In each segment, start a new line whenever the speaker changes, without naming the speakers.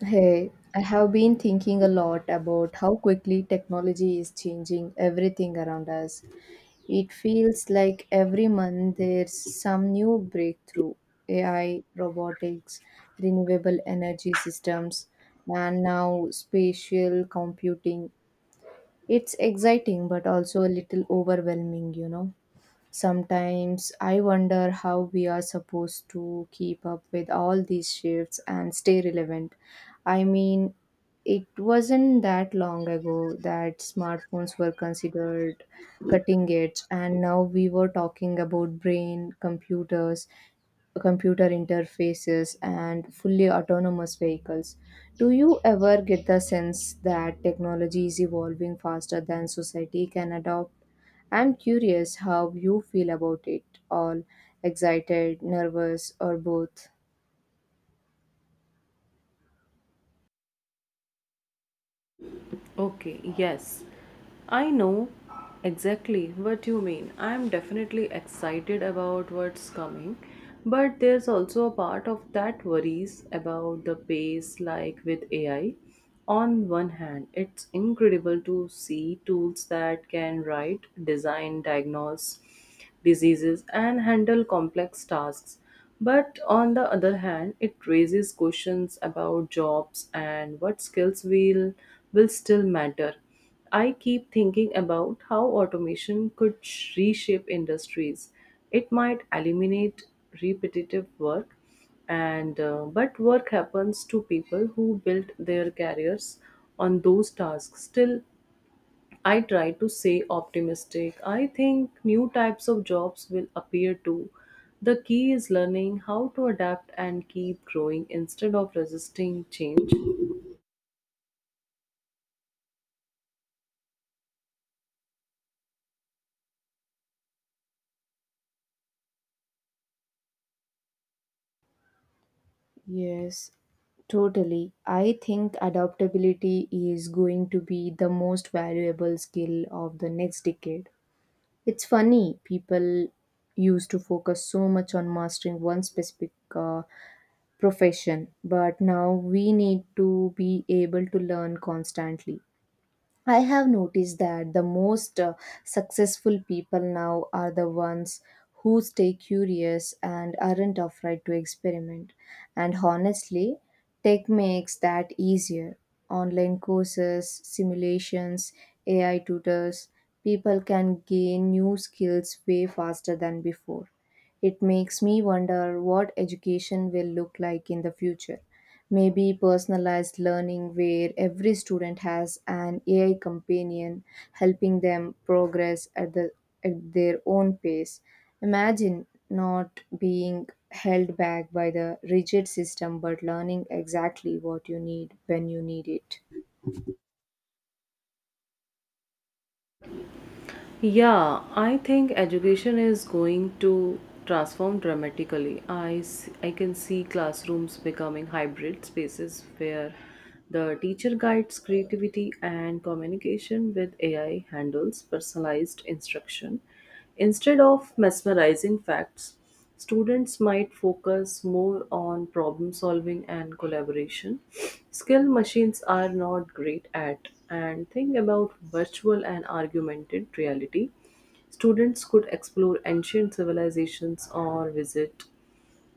Hey, I have been thinking a lot about how quickly technology is changing everything around us. It feels like every month there's some new breakthrough: AI, robotics, renewable energy systems, and now spatial computing. It's exciting but also a little overwhelming, Sometimes I wonder how we are supposed to keep up with all these shifts and stay relevant. I mean, it wasn't that long ago that smartphones were considered cutting edge, and now we were talking about brain, computers, computer interfaces, and fully autonomous vehicles. Do you ever get the sense that technology is evolving faster than society can adopt? I'm curious how you feel about it all: excited, nervous, or both.
Okay, yes. I know exactly what you mean. I'm definitely excited about what's coming, but there's also a part of that worries about the pace, like with AI. On one hand, it's incredible to see tools that can write, design, diagnose diseases and handle complex tasks. But on the other hand, it raises questions about jobs and what skills will still matter. I keep thinking about how automation could reshape industries. It might eliminate repetitive work, and but work happens to people who built their careers on those tasks. Still, I try to stay optimistic. I think new types of jobs will appear too. The key is learning how to adapt and keep growing instead of resisting change.
Yes, totally. I think adaptability is going to be the most valuable skill of the next decade. It's funny, people used to focus so much on mastering one specific profession, but now we need to be able to learn constantly. I have noticed that the most successful people now are the ones who stay curious and aren't afraid to experiment. And honestly, tech makes that easier. Online courses, simulations, AI tutors, people can gain new skills way faster than before. It makes me wonder what education will look like in the future. Maybe personalized learning where every student has an AI companion helping them progress at their own pace. Imagine not being held back by the rigid system but learning exactly what you need when you need it.
Yeah, I think education is going to transform dramatically. I can see classrooms becoming hybrid spaces where the teacher guides creativity and communication with AI handles personalized instruction. Instead of mesmerizing facts, students might focus more on problem solving and collaboration, skill machines are not great at, and think about virtual and augmented reality. Students could explore ancient civilizations or visit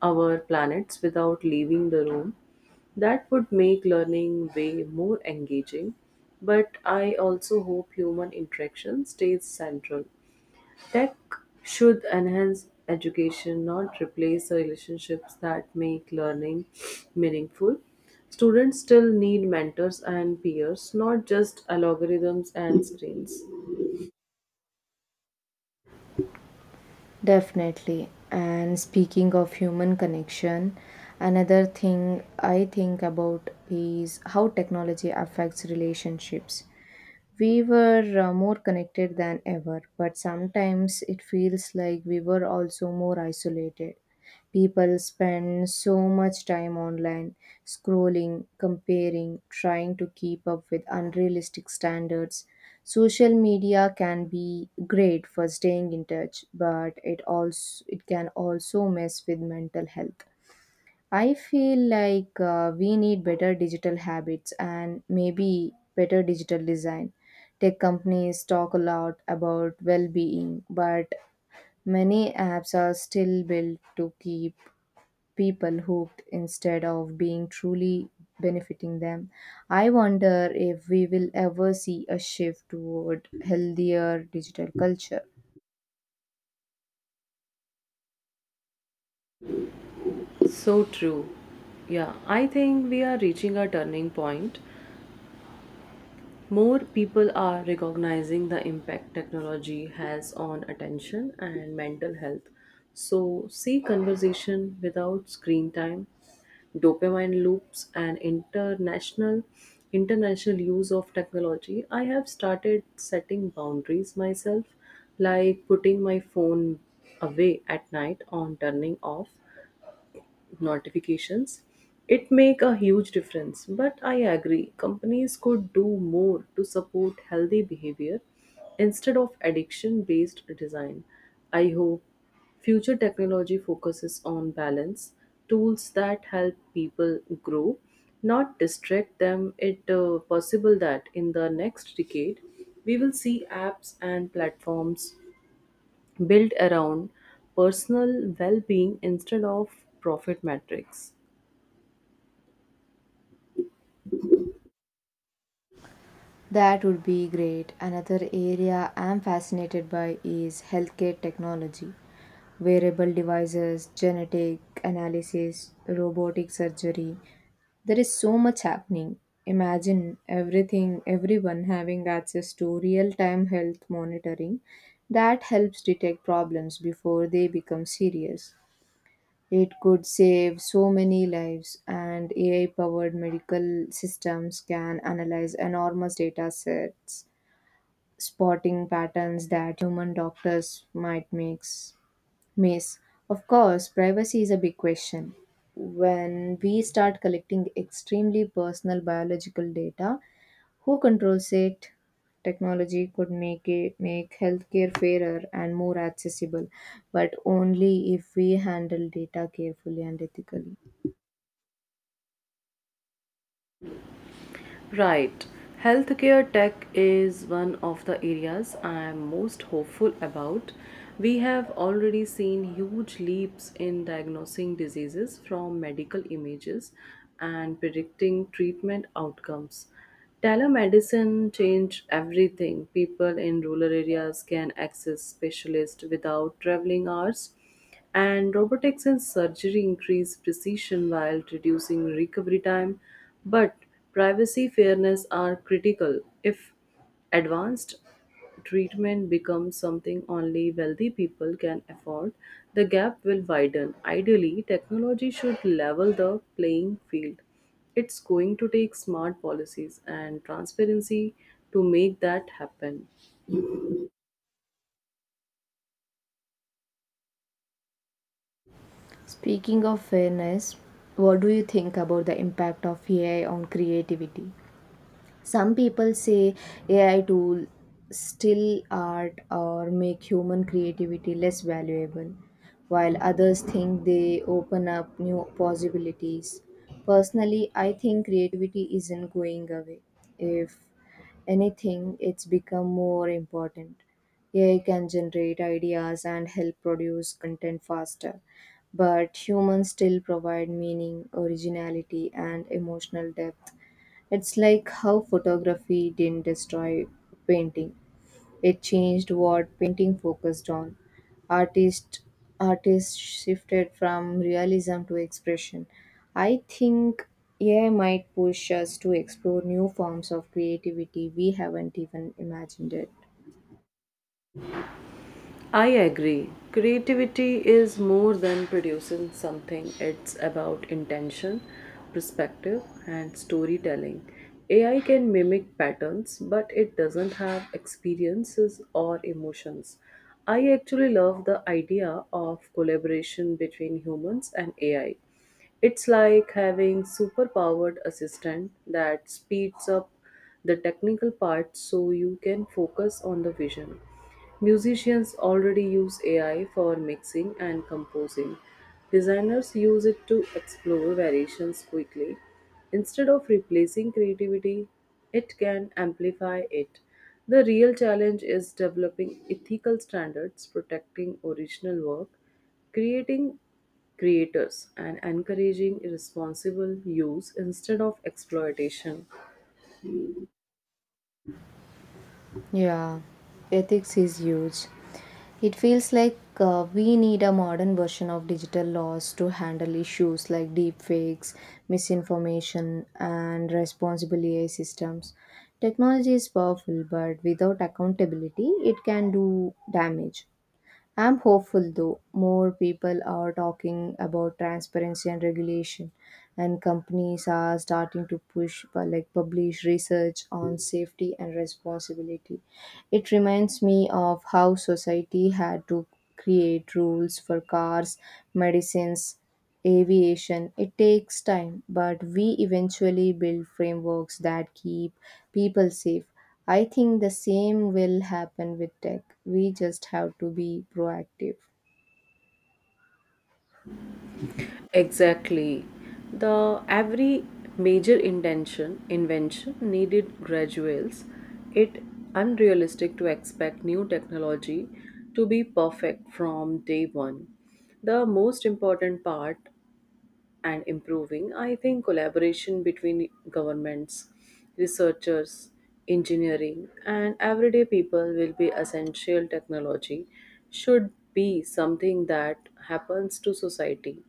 our planets without leaving the room. That would make learning way more engaging, but I also hope human interaction stays central. Tech should enhance education, not replace the relationships that make learning meaningful. Students still need mentors and peers, not just algorithms and screens.
Definitely. And speaking of human connection, another thing I think about is how technology affects relationships. We were more connected than ever, but sometimes it feels like we were also more isolated. People spend so much time online, scrolling, comparing, trying to keep up with unrealistic standards. Social media can be great for staying in touch, but it can also mess with mental health. I feel like we need better digital habits and maybe better digital design. Tech companies talk a lot about well being, but many apps are still built to keep people hooked instead of being truly benefiting them. I wonder if we will ever see a shift toward healthier digital culture.
So true. Yeah, I think we are reaching a turning point. More people are recognizing the impact technology has on attention and mental health. So, see conversation without screen time, dopamine loops, and international use of technology. I have started setting boundaries myself, like putting my phone away at night on turning off notifications. It make a huge difference, but I agree companies could do more to support healthy behavior instead of addiction based design. I hope future technology focuses on balance, tools that help people grow, not distract them. It possible that in the next decade we will see apps and platforms built around personal well-being instead of profit metrics.
That would be great. Another area I'm fascinated by is healthcare technology. Wearable devices, genetic analysis, robotic surgery. There is so much happening. Imagine everyone having access to real time health monitoring that helps detect problems before they become serious. It could save so many lives, and AI powered medical systems can analyze enormous data sets, spotting patterns that human doctors miss. Of course, privacy is a big question. When we start collecting extremely personal biological data, who controls it? Technology could make healthcare fairer and more accessible, but only if we handle data carefully and ethically.
Right. Healthcare tech is one of the areas I am most hopeful about. We have already seen huge leaps in diagnosing diseases from medical images and predicting treatment outcomes. Telemedicine changed everything. People in rural areas can access specialists without traveling hours, and robotics in surgery increase precision while reducing recovery time, but privacy fairness are critical. If advanced treatment becomes something only wealthy people can afford, the gap will widen. Ideally, technology should level the playing field. It's going to take smart policies and transparency to make that happen.
Speaking of fairness, what do you think about the impact of AI on creativity? Some people say AI tools still art or make human creativity less valuable, while others think they open up new possibilities. Personally, I think creativity isn't going away. If anything, it's become more important. AI can generate ideas and help produce content faster, but humans still provide meaning, originality, and emotional depth. It's like how photography didn't destroy painting. It changed what painting focused on. Artist Artists shifted from realism to expression. I think AI might push us to explore new forms of creativity we haven't even imagined it.
I agree. Creativity is more than producing something, it's about intention, perspective, and storytelling. AI can mimic patterns, but it doesn't have experiences or emotions. I actually love the idea of collaboration between humans and AI. It's like having superpowered assistant that speeds up the technical part so you can focus on the vision. Musicians already use AI for mixing and composing. Designers use it to explore variations quickly. Instead of replacing creativity, it can amplify it. The real challenge is developing ethical standards, protecting original work, creating creators and encouraging responsible use instead of exploitation.
Yeah, ethics is huge. It feels like we need a modern version of digital laws to handle issues like deepfakes, misinformation, and responsible AI systems. Technology is powerful, but without accountability, it can do damage. I'm hopeful though, more people are talking about transparency and regulation, and companies are starting to push, publish research on safety and responsibility. It reminds me of how society had to create rules for cars, medicines, aviation. It takes time, but we eventually build frameworks that keep people safe. I think the same will happen with tech. We just have to be proactive.
Exactly. The every major intention invention needed graduals. It unrealistic to expect new technology to be perfect from day one. The most important part and improving, I think collaboration between governments, researchers, engineering, and everyday people will be essential. Technology should be something that happens to society.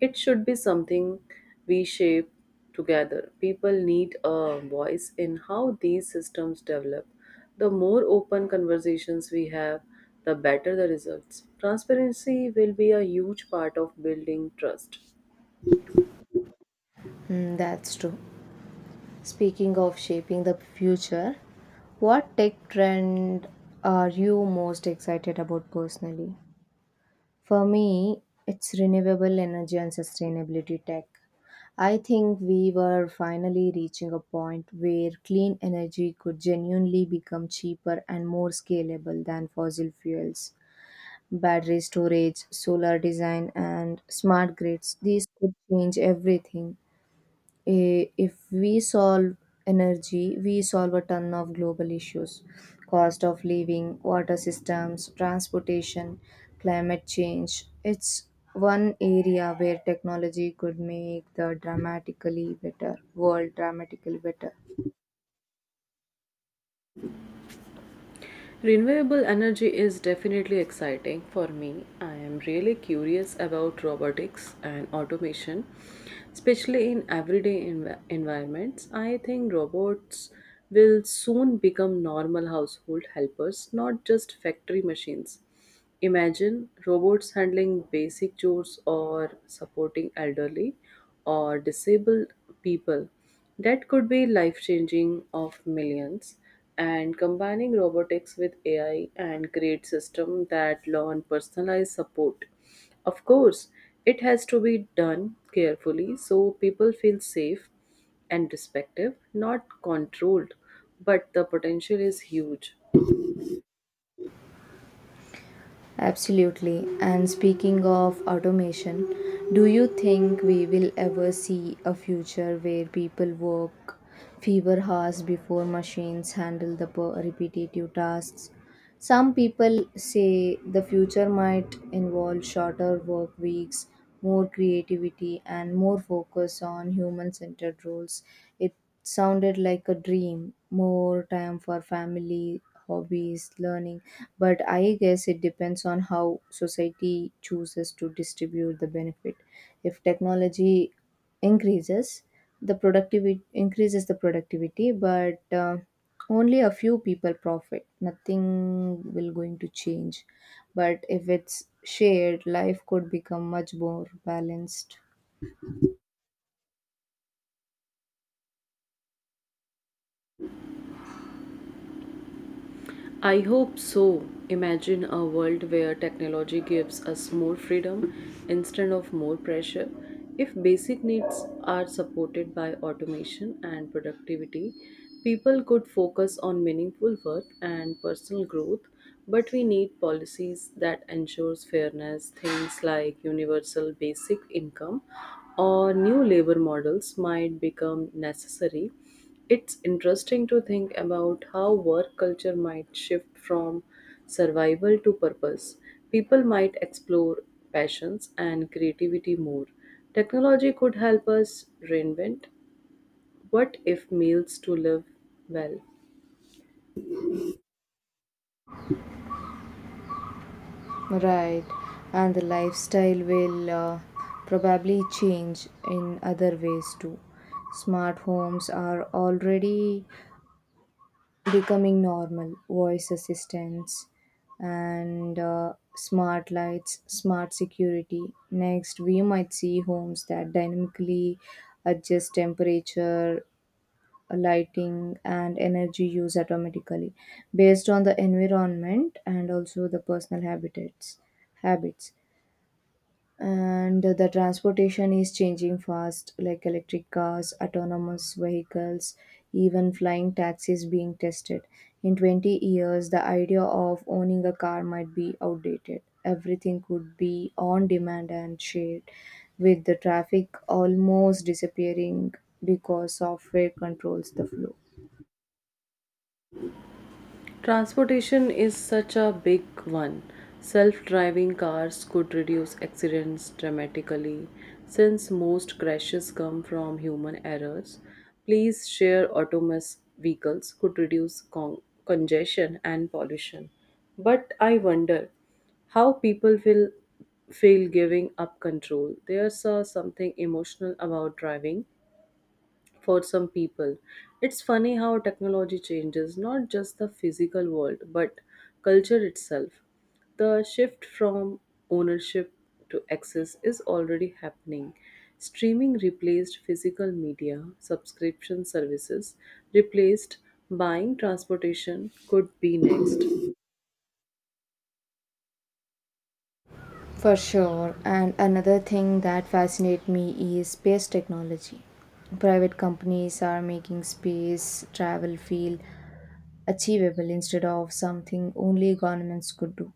It should be something we shape together. People need a voice in how these systems develop. The more open conversations we have, the better the results. Transparency will be a huge part of building trust.
Hmm, that's true. Speaking of shaping the future, what tech trend are you most excited about personally? For me, it's renewable energy and sustainability tech. I think we were finally reaching a point where clean energy could genuinely become cheaper and more scalable than fossil fuels. Battery storage, solar design, and smart grids, these could change everything. If we solve energy, we solve a ton of global issues: cost of living, water systems, transportation, climate change. It's one area where technology could make the dramatically better.
Renewable energy is definitely exciting for me. I am really curious about robotics and automation, especially in everyday environments. I think robots will soon become normal household helpers, not just factory machines. Imagine robots handling basic chores or supporting elderly or disabled people. That could be life changing of millions. And combining robotics with AI and create system that learn personalized support. Of course, it has to be done carefully so people feel safe and respective, not controlled. But the potential is huge.
Absolutely. And speaking of automation, do you think we will ever see a future where people work fewer hours before machines handle the repetitive tasks? Some people say the future might involve shorter work weeks, more creativity, and more focus on human centered roles. It sounded like a dream: more time for family, hobbies, learning, but I guess it depends on how society chooses to distribute the benefit. If technology increases increases the productivity, but only a few people profit, nothing will going to change. But if it's shared, life could become much more balanced.
I hope so. Imagine a world where technology gives us more freedom instead of more pressure. If basic needs are supported by automation and productivity, people could focus on meaningful work and personal growth, but we need policies that ensures fairness, things like universal basic income or new labor models might become necessary. It's interesting to think about how work culture might shift from survival to purpose. People might explore passions and creativity more. Technology could help us reinvent what if meals to live well.
Right, and the lifestyle will probably change in other ways too. Smart homes are already becoming normal, voice assistants and smart lights, smart security. Next we might see homes that dynamically adjust temperature, lighting, and energy use automatically based on the environment and also the personal habitats habits. And the transportation is changing fast, like electric cars, autonomous vehicles, even flying taxis being tested. In 20 years, the idea of owning a car might be outdated. Everything could be on demand and shared, with the traffic almost disappearing because software controls the flow.
Transportation is such a big one. Self driving cars could reduce accidents dramatically since most crashes come from human errors. Please share autonomous vehicles could reduce congestion and pollution. But I wonder how people will feel giving up control. There's something emotional about driving for some people. It's funny how technology changes not just the physical world but culture itself. The shift from ownership to access is already happening. Streaming replaced physical media, subscription services replaced buying, transportation could be next.
For sure. And another thing that fascinates me is space technology. Private companies are making space travel feel achievable instead of something only governments could do.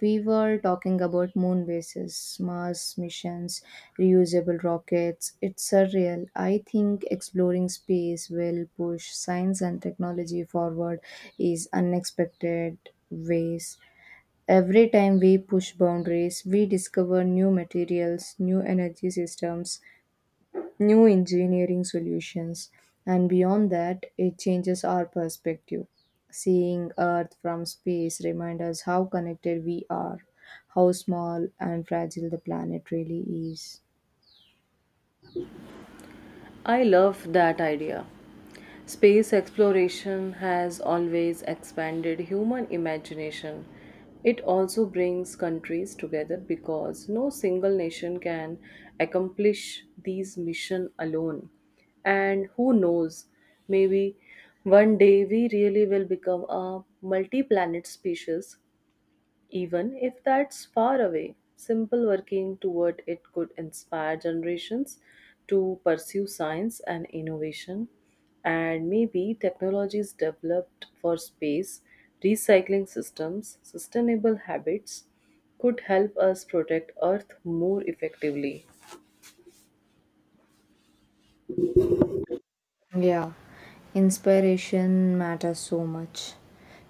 We were talking about moon bases, Mars missions, reusable rockets. It's surreal. I think exploring space will push science and technology forward in unexpected ways. Every time we push boundaries, we discover new materials, new energy systems, new engineering solutions, and beyond that, it changes our perspective. Seeing Earth from space reminds us how connected we are, how small and fragile the planet really is.
I love that idea. Space exploration has always expanded human imagination. It also brings countries together because no single nation can accomplish these missions alone. And who knows, maybe one day we really will become a multi planet species. Even if that's far away, simple working toward it could inspire generations to pursue science and innovation. And maybe technologies developed for space, recycling systems, sustainable habits, could help us protect Earth more effectively.
Yeah, inspiration matters so much.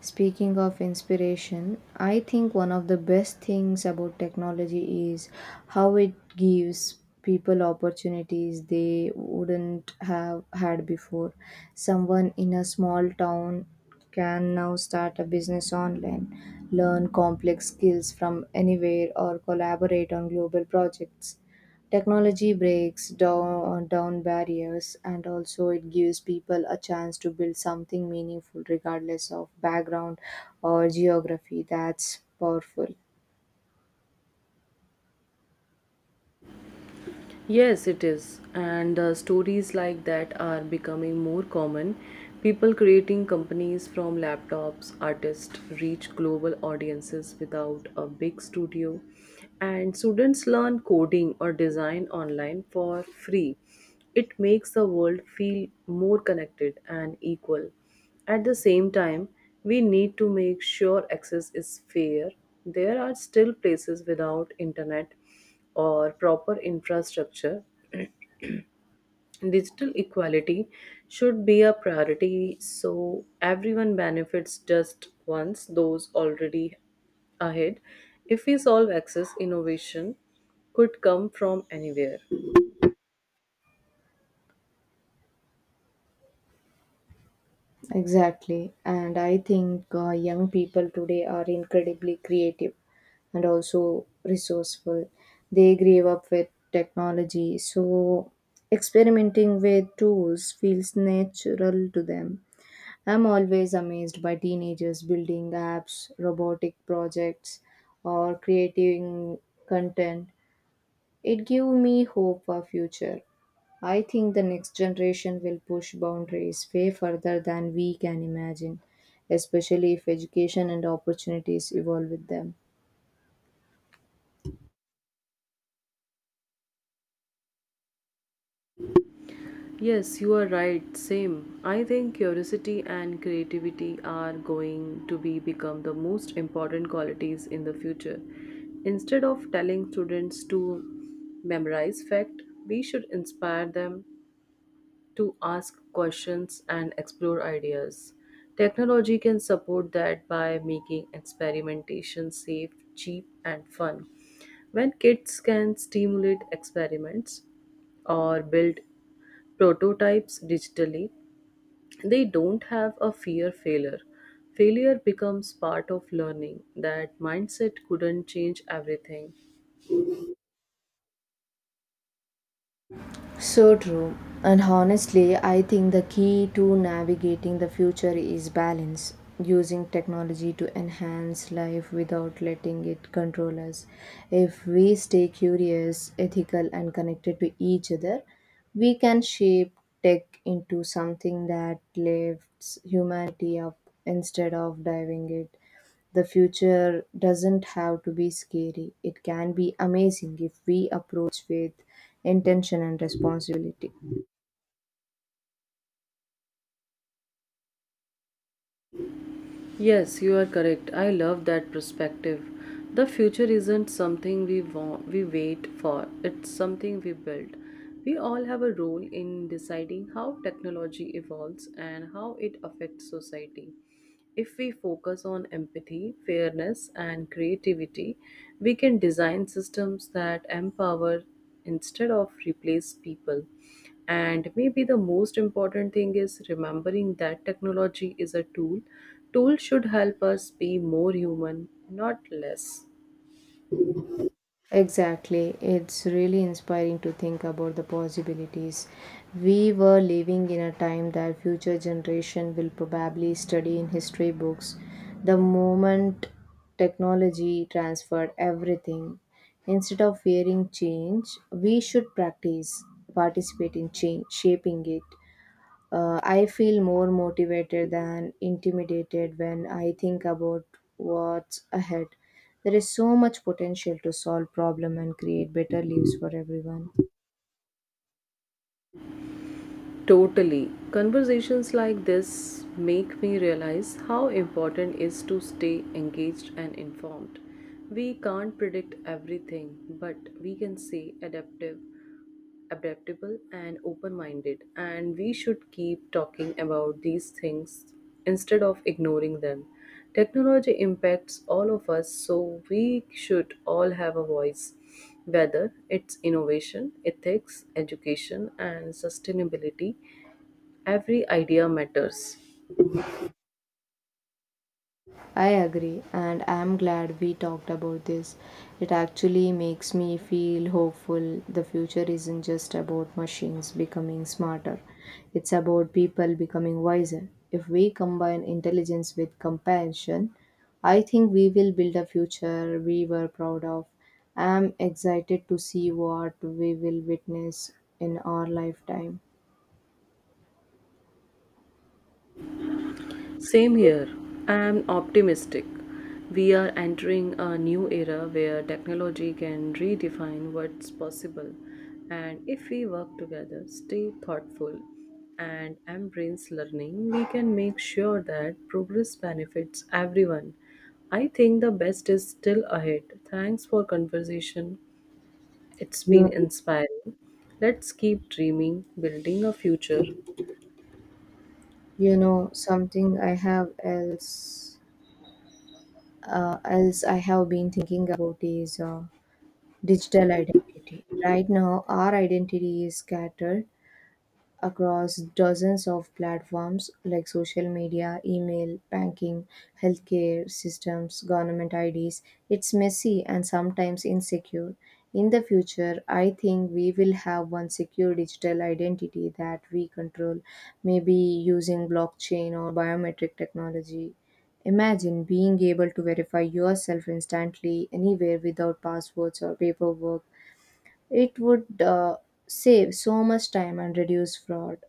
Speaking of inspiration, I think one of the best things about technology is how it gives people opportunities they wouldn't have had before. Someone in a small town can now start a business online, learn complex skills from anywhere, or collaborate on global projects. Technology breaks down barriers, and also it gives people a chance to build something meaningful regardless of background or geography. That's powerful.
Yes, it is. And stories like that are becoming more common. People creating companies from laptops, artists reach global audiences without a big studio. And students learn coding or design online for free. It makes the world feel more connected and equal. At the same time, we need to make sure access is fair. There are still places without internet or proper infrastructure. Digital equality should be a priority so everyone benefits just once those already ahead. If we solve access, innovation could come from anywhere.
Exactly. And I think young people today are incredibly creative and also resourceful. They grew up with technology, so experimenting with tools feels natural to them. I'm always amazed by teenagers building apps, robotic projects, or creating content. It gives me hope for future. I think the next generation will push boundaries way further than we can imagine, especially if education and opportunities evolve with them.
Yes, you are right. Same. I think curiosity and creativity are going to be become the most important qualities in the future. Instead of telling students to memorize fact, we should inspire them to ask questions and explore ideas. Technology can support that by making experimentation safe, cheap, and fun. When kids can stimulate experiments or build prototypes digitally, they don't have a fear failure. Failure becomes part of learning. That mindset couldn't change everything.
So true. And honestly, I think the key to navigating the future is balance, using technology to enhance life without letting it control us. If we stay curious, ethical, and connected to each other, we can shape tech into something that lifts humanity up instead of diving it. The future doesn't have to be scary, it can be amazing if we approach with intention and responsibility.
Yes, you are correct. I love that perspective. The future isn't something we wait for. It's something we build. We all have a role in deciding how technology evolves and how it affects society. If we focus on empathy, fairness, and creativity, we can design systems that empower instead of replace people. And maybe the most important thing is remembering that technology is a tool. Tool should help us be more human, not less.
Exactly. It's really inspiring to think about the possibilities. We were living in a time that future generation will probably study in history books. The moment technology transferred everything, instead of fearing change, we should practice participate in change, shaping it. I feel more motivated than intimidated when I think about what's ahead. There is so much potential to solve problem and create better lives for everyone.
Totally. Conversations like this make me realize how important it is to stay engaged and informed. We can't predict everything, but we can stay adaptive adaptable and open minded, and we should keep talking about these things instead of ignoring them. Technology impacts all of us, so we should all have a voice, whether it's innovation, ethics, education, and sustainability. Every idea matters.
I agree, and I'm glad we talked about this. It actually makes me feel hopeful, the future isn't just about machines becoming smarter, it's about people becoming wiser. If we combine intelligence with compassion, I think we will build a future we were proud of. I'm excited to see what we will witness in our lifetime.
Same here. I am optimistic. We are entering a new era where technology can redefine what's possible. And if we work together, stay thoughtful, and embrace learning, we can make sure that progress benefits everyone. I think the best is still ahead. Thanks for conversation. It's been
You,
inspiring. Let's keep dreaming, building a future.
something I have else else I have been thinking about is digital identity. Right now, our identity is scattered across dozens of platforms like social media, email, banking, healthcare systems, government IDs. It's messy and sometimes insecure. In the future, I think we will have one secure digital identity that we control, maybe using blockchain or biometric technology. Imagine being able to verify yourself instantly anywhere without passwords or paperwork. It would save so much time and reduce fraud.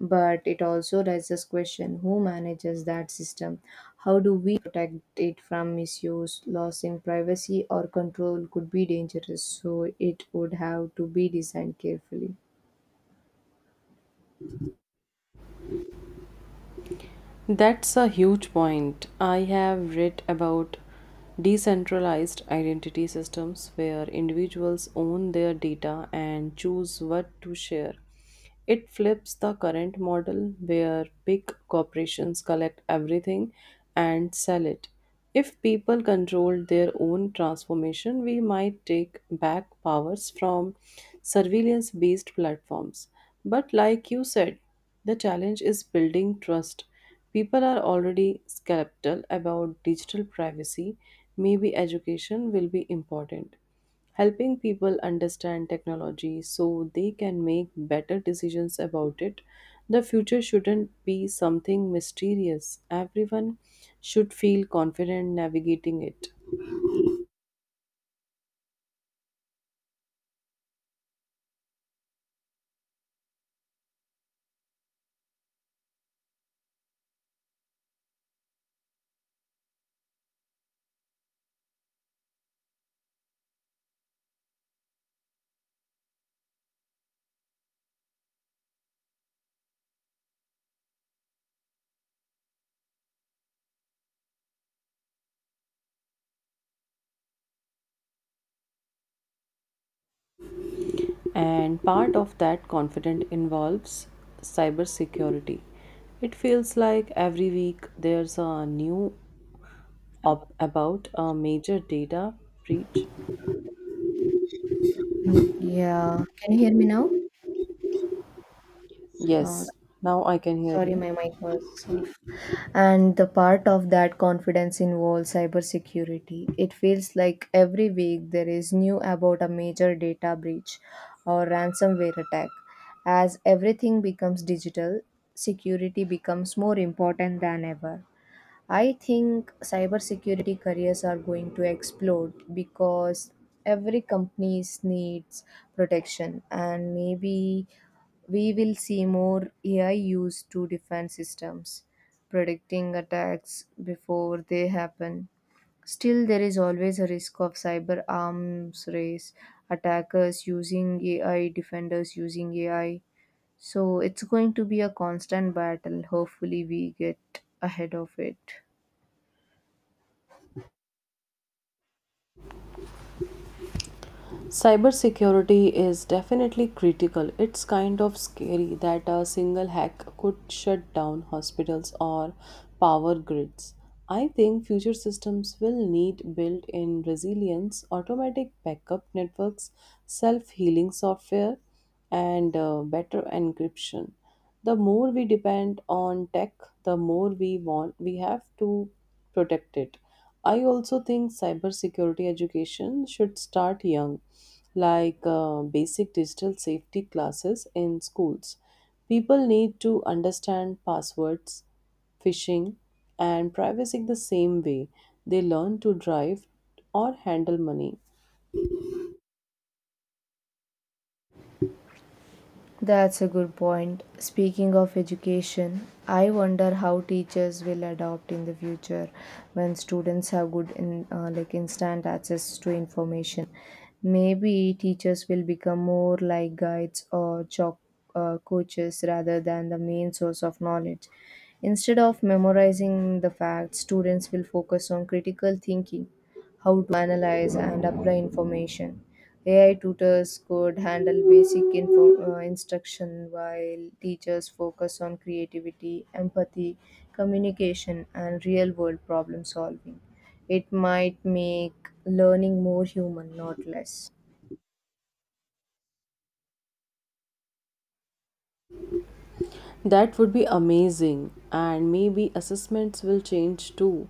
But it also raises question, who manages that system? How do we protect it from misuse? Loss in privacy or control could be dangerous, so it would have to be designed carefully.
That's a huge point. I have read about decentralized identity systems where individuals own their data and choose what to share. It flips the current model where big corporations collect everything and sell it. If people controlled their own transformation, we might take back powers from surveillance based platforms. But, like you said, the challenge is building trust. People are already skeptical about digital privacy. Maybe education will be important, helping people understand technology so they can make better decisions about it. The future shouldn't be something mysterious. Everyone should feel confident navigating it. And part of that confidence involves cybersecurity. It feels like every week there's a new up about a major data breach?
Mm, yeah, can you hear me now? Uh,
Yes, now I can hear
Sorry,
you.
my mic was off. And the part of that confidence involves cybersecurity. It feels like every week there is new about a major data breach or ransomware attack. As everything becomes digital, security becomes more important than ever. I think cybersecurity careers are going to explode because every company needs protection and maybe we will see more AI used to defend systems, predicting attacks before they happen. Still, there is always a risk of cyber arms race, attackers using AI, defenders using AI. So, it's going to be a constant battle. Hopefully, we get ahead of it.
Cybersecurity is definitely critical. It's kind of scary that a single hack could shut down hospitals or power grids. I think future systems will need built in resilience, automatic backup networks, self healing software, and better encryption. The more we depend on tech, the more we have to protect it. I also think cybersecurity education should start young, like basic digital safety classes in schools. People need to understand passwords, phishing, and privacy the same way they learn to drive or handle money.
That's a good point. Speaking of education, I wonder how teachers will adopt in the future when students have good in like instant access to information. Maybe teachers will become more like guides or chalk coaches rather than the main source of knowledge. Instead of memorizing the facts, students will focus on critical thinking how to analyze and apply information. AI tutors could handle basic info, instruction while teachers focus on creativity, empathy, communication, and real world problem solving. It might make learning more human, not less.
That would be amazing, and maybe assessments will change too.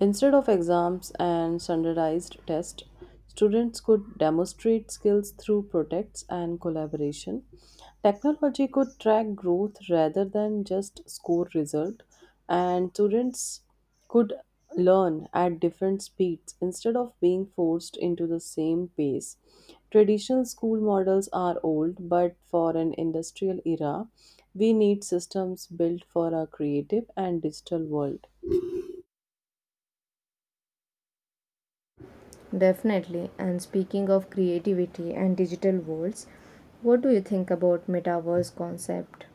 Instead of exams and standardized tests, students could demonstrate skills through projects and collaboration. Technology could track growth rather than just score result, and students could learn at different speeds instead of being forced into the same pace. Traditional school models are old, but for an industrial era, we need systems built for a creative and digital world.
Definitely. And speaking of creativity and digital worlds, what do you think about metaverse concept?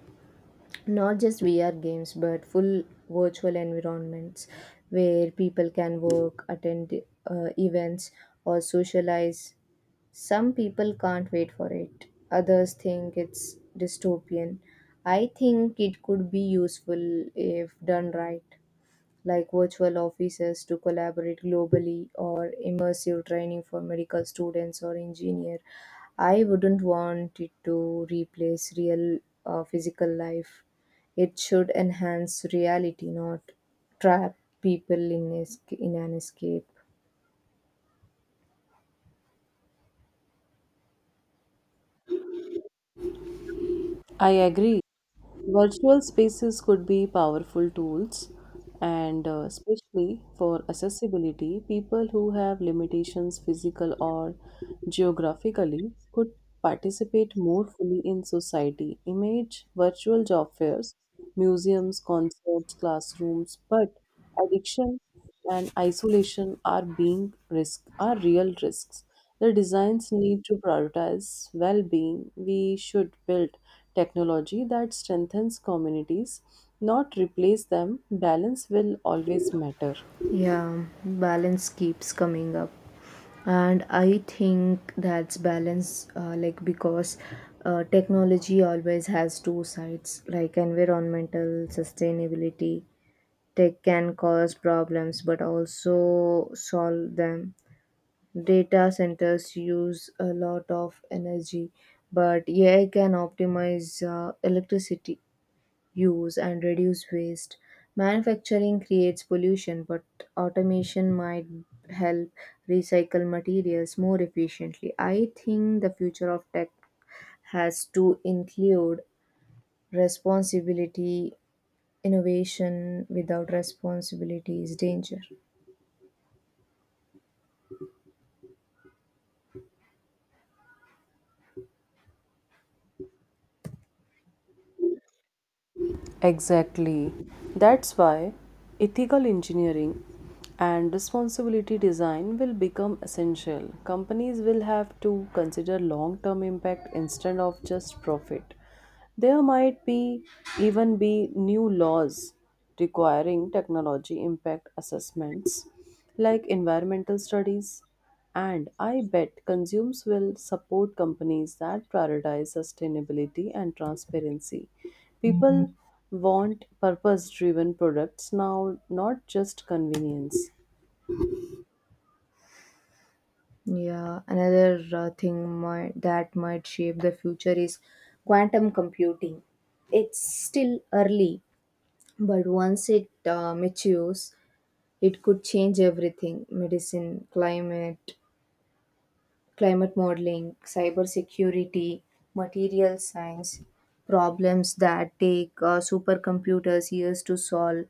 Not just VR games, but full virtual environments where people can work, attend events, or socialize. Some people can't wait for it, others think it's dystopian. I think it could be useful if done right, like virtual offices to collaborate globally or immersive training for medical students or engineer. I wouldn't want it to replace real physical life. It should enhance reality, not trap people in an escape.
I agree. Virtual spaces could be powerful tools, and especially for accessibility, people who have limitations, physical or geographically, could participate more fully in society. Image virtual job fairs, museums, concerts, classrooms, but addiction and isolation are real risks. The designs need to prioritize well-being. We should build technology that strengthens communities, not replace them. Balance will always matter.
Yeah, balance keeps coming up, and I think that's balance like because technology always has two sides, like environmental sustainability. Tech can cause problems but also solve them. Data centers use a lot of energy, but AI can optimize electricity use and reduce waste. Manufacturing creates pollution, but automation might help recycle materials more efficiently. I think the future of tech has to include responsibility. Innovation without responsibility is danger.
Exactly. That's why ethical engineering and responsibility design will become essential. Companies will have to consider long term impact instead of just profit. There might be even be new laws requiring technology impact assessments like environmental studies, and I bet consumers will support companies that prioritize sustainability and transparency. People want purpose driven products now, not just convenience.
Yeah, another that might shape the future is quantum computing. It's still early, but once it matures, it could change everything: medicine, climate modeling, cybersecurity, material science. Problems that take supercomputers years to solve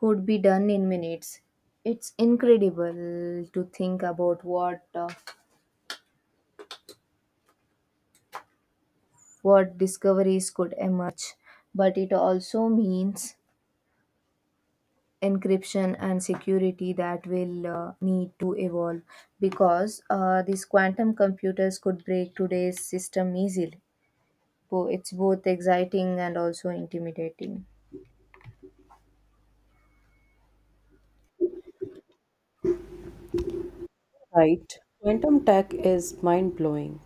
could be done in minutes. It's incredible to think about what discoveries could emerge, but it also means encryption and security that will need to evolve because these quantum computers could break today's system easily. So it's both exciting and also intimidating.
Right. Quantum tech is mind blowing.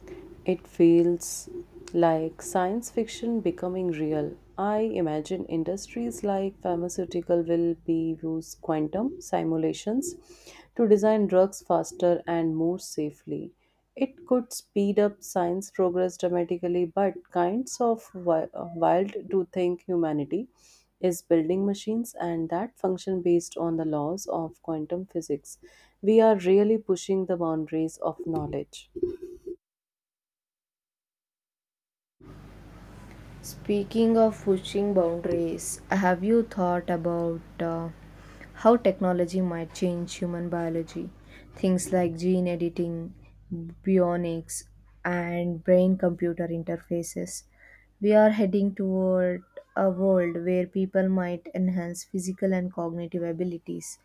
It feels like science fiction becoming real. I imagine industries like pharmaceutical will be use quantum simulations to design drugs faster and more safely. It could speed up science progress dramatically, but kinds of wild to think humanity is building machines and that function based on the laws of quantum physics. We are really pushing the boundaries of knowledge.
Speaking of pushing boundaries, have you thought about how technology might change human biology? Things like gene editing, bionics, and brain computer interfaces. We are heading toward a world where people might enhance physical and cognitive abilities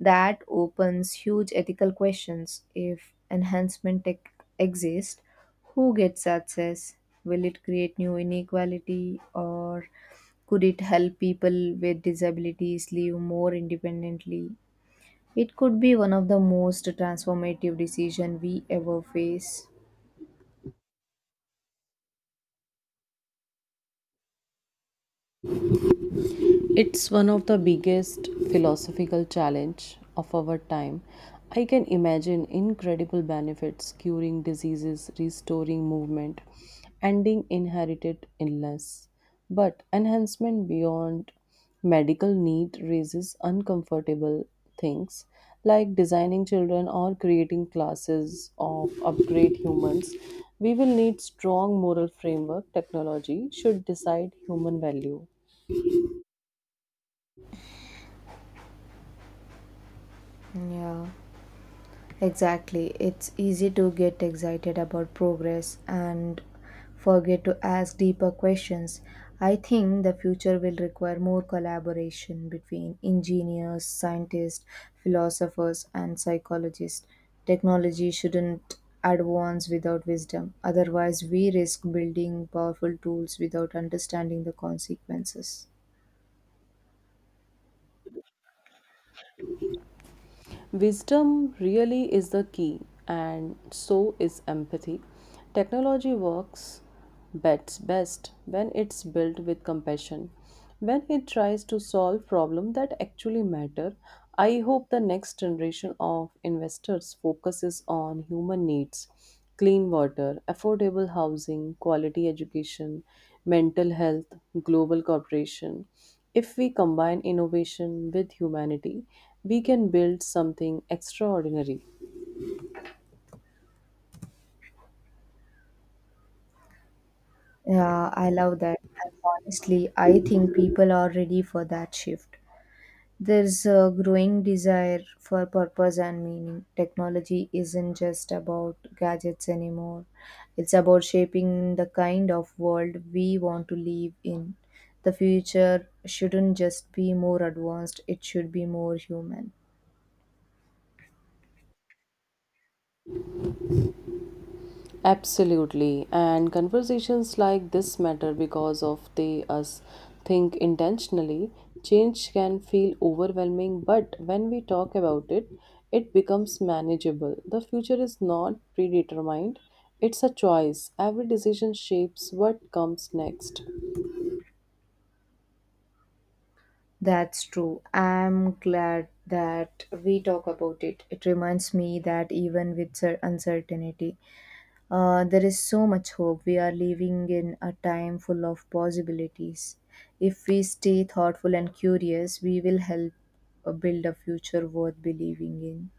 that opens huge ethical questions. If enhancement tech exists, who gets access? Will it create new inequality, or could it help people with disabilities live more independently? It could be one of the most transformative decisions we ever face.
It's one of the biggest philosophical challenge of our time. I can imagine incredible benefits curing diseases, restoring movement, ending inherited illness. But enhancement beyond medical need raises uncomfortable things like designing children or creating classes of upgrade humans. We will need strong moral framework technology should decide human value.
Yeah. Exactly. It's easy to get excited about progress and forget to ask deeper questions. I think the future will require more collaboration between engineers, scientists, philosophers, and psychologists. Technology shouldn't advance without wisdom, otherwise, we risk building powerful tools without understanding the consequences.
Wisdom really is the key, and so is empathy. Technology works bets best when it's built with compassion, when it tries to solve problems that actually matter. I hope the next generation of investors focuses on human needs, clean water, affordable housing, quality education, mental health, global cooperation. If we combine innovation with humanity, we can build something extraordinary.
Yeah, I love that. And honestly, I think people are ready for that shift. There's a growing desire for purpose and meaning. Technology isn't just about gadgets anymore, it's about shaping the kind of world we want to live in. The future shouldn't just be more advanced, it should be more human.
Absolutely. And conversations like this matter because of they us think intentionally. Change can feel overwhelming, but when we talk about it, it becomes manageable. The future is not predetermined. It's a choice. Every decision shapes what comes next.
That's true. I'm glad that we talk about it. It reminds me that even with uncertainty, there is so much hope. We are living in a time full of possibilities. If we stay thoughtful and curious, we will help build a future worth believing in.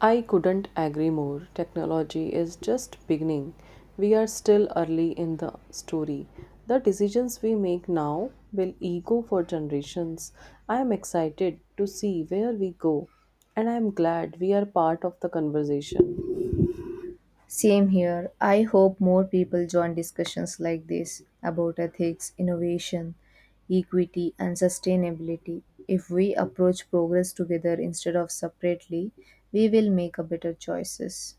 I couldn't agree more. Technology is just beginning. We are still early in the story. The decisions we make now will echo for generations. I am excited to see where we go, and I am glad we are part of the conversation.
Same here. I hope more people join discussions like this about ethics, innovation, equity, and sustainability. If we approach progress together instead of separately, we will make a better choices.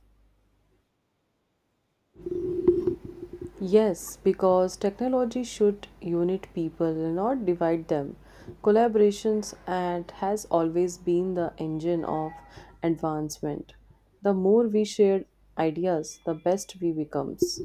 Yes, because technology should unite people, not divide them. Collaborations and has always been the engine of advancement. The more we share ideas, the best we becomes.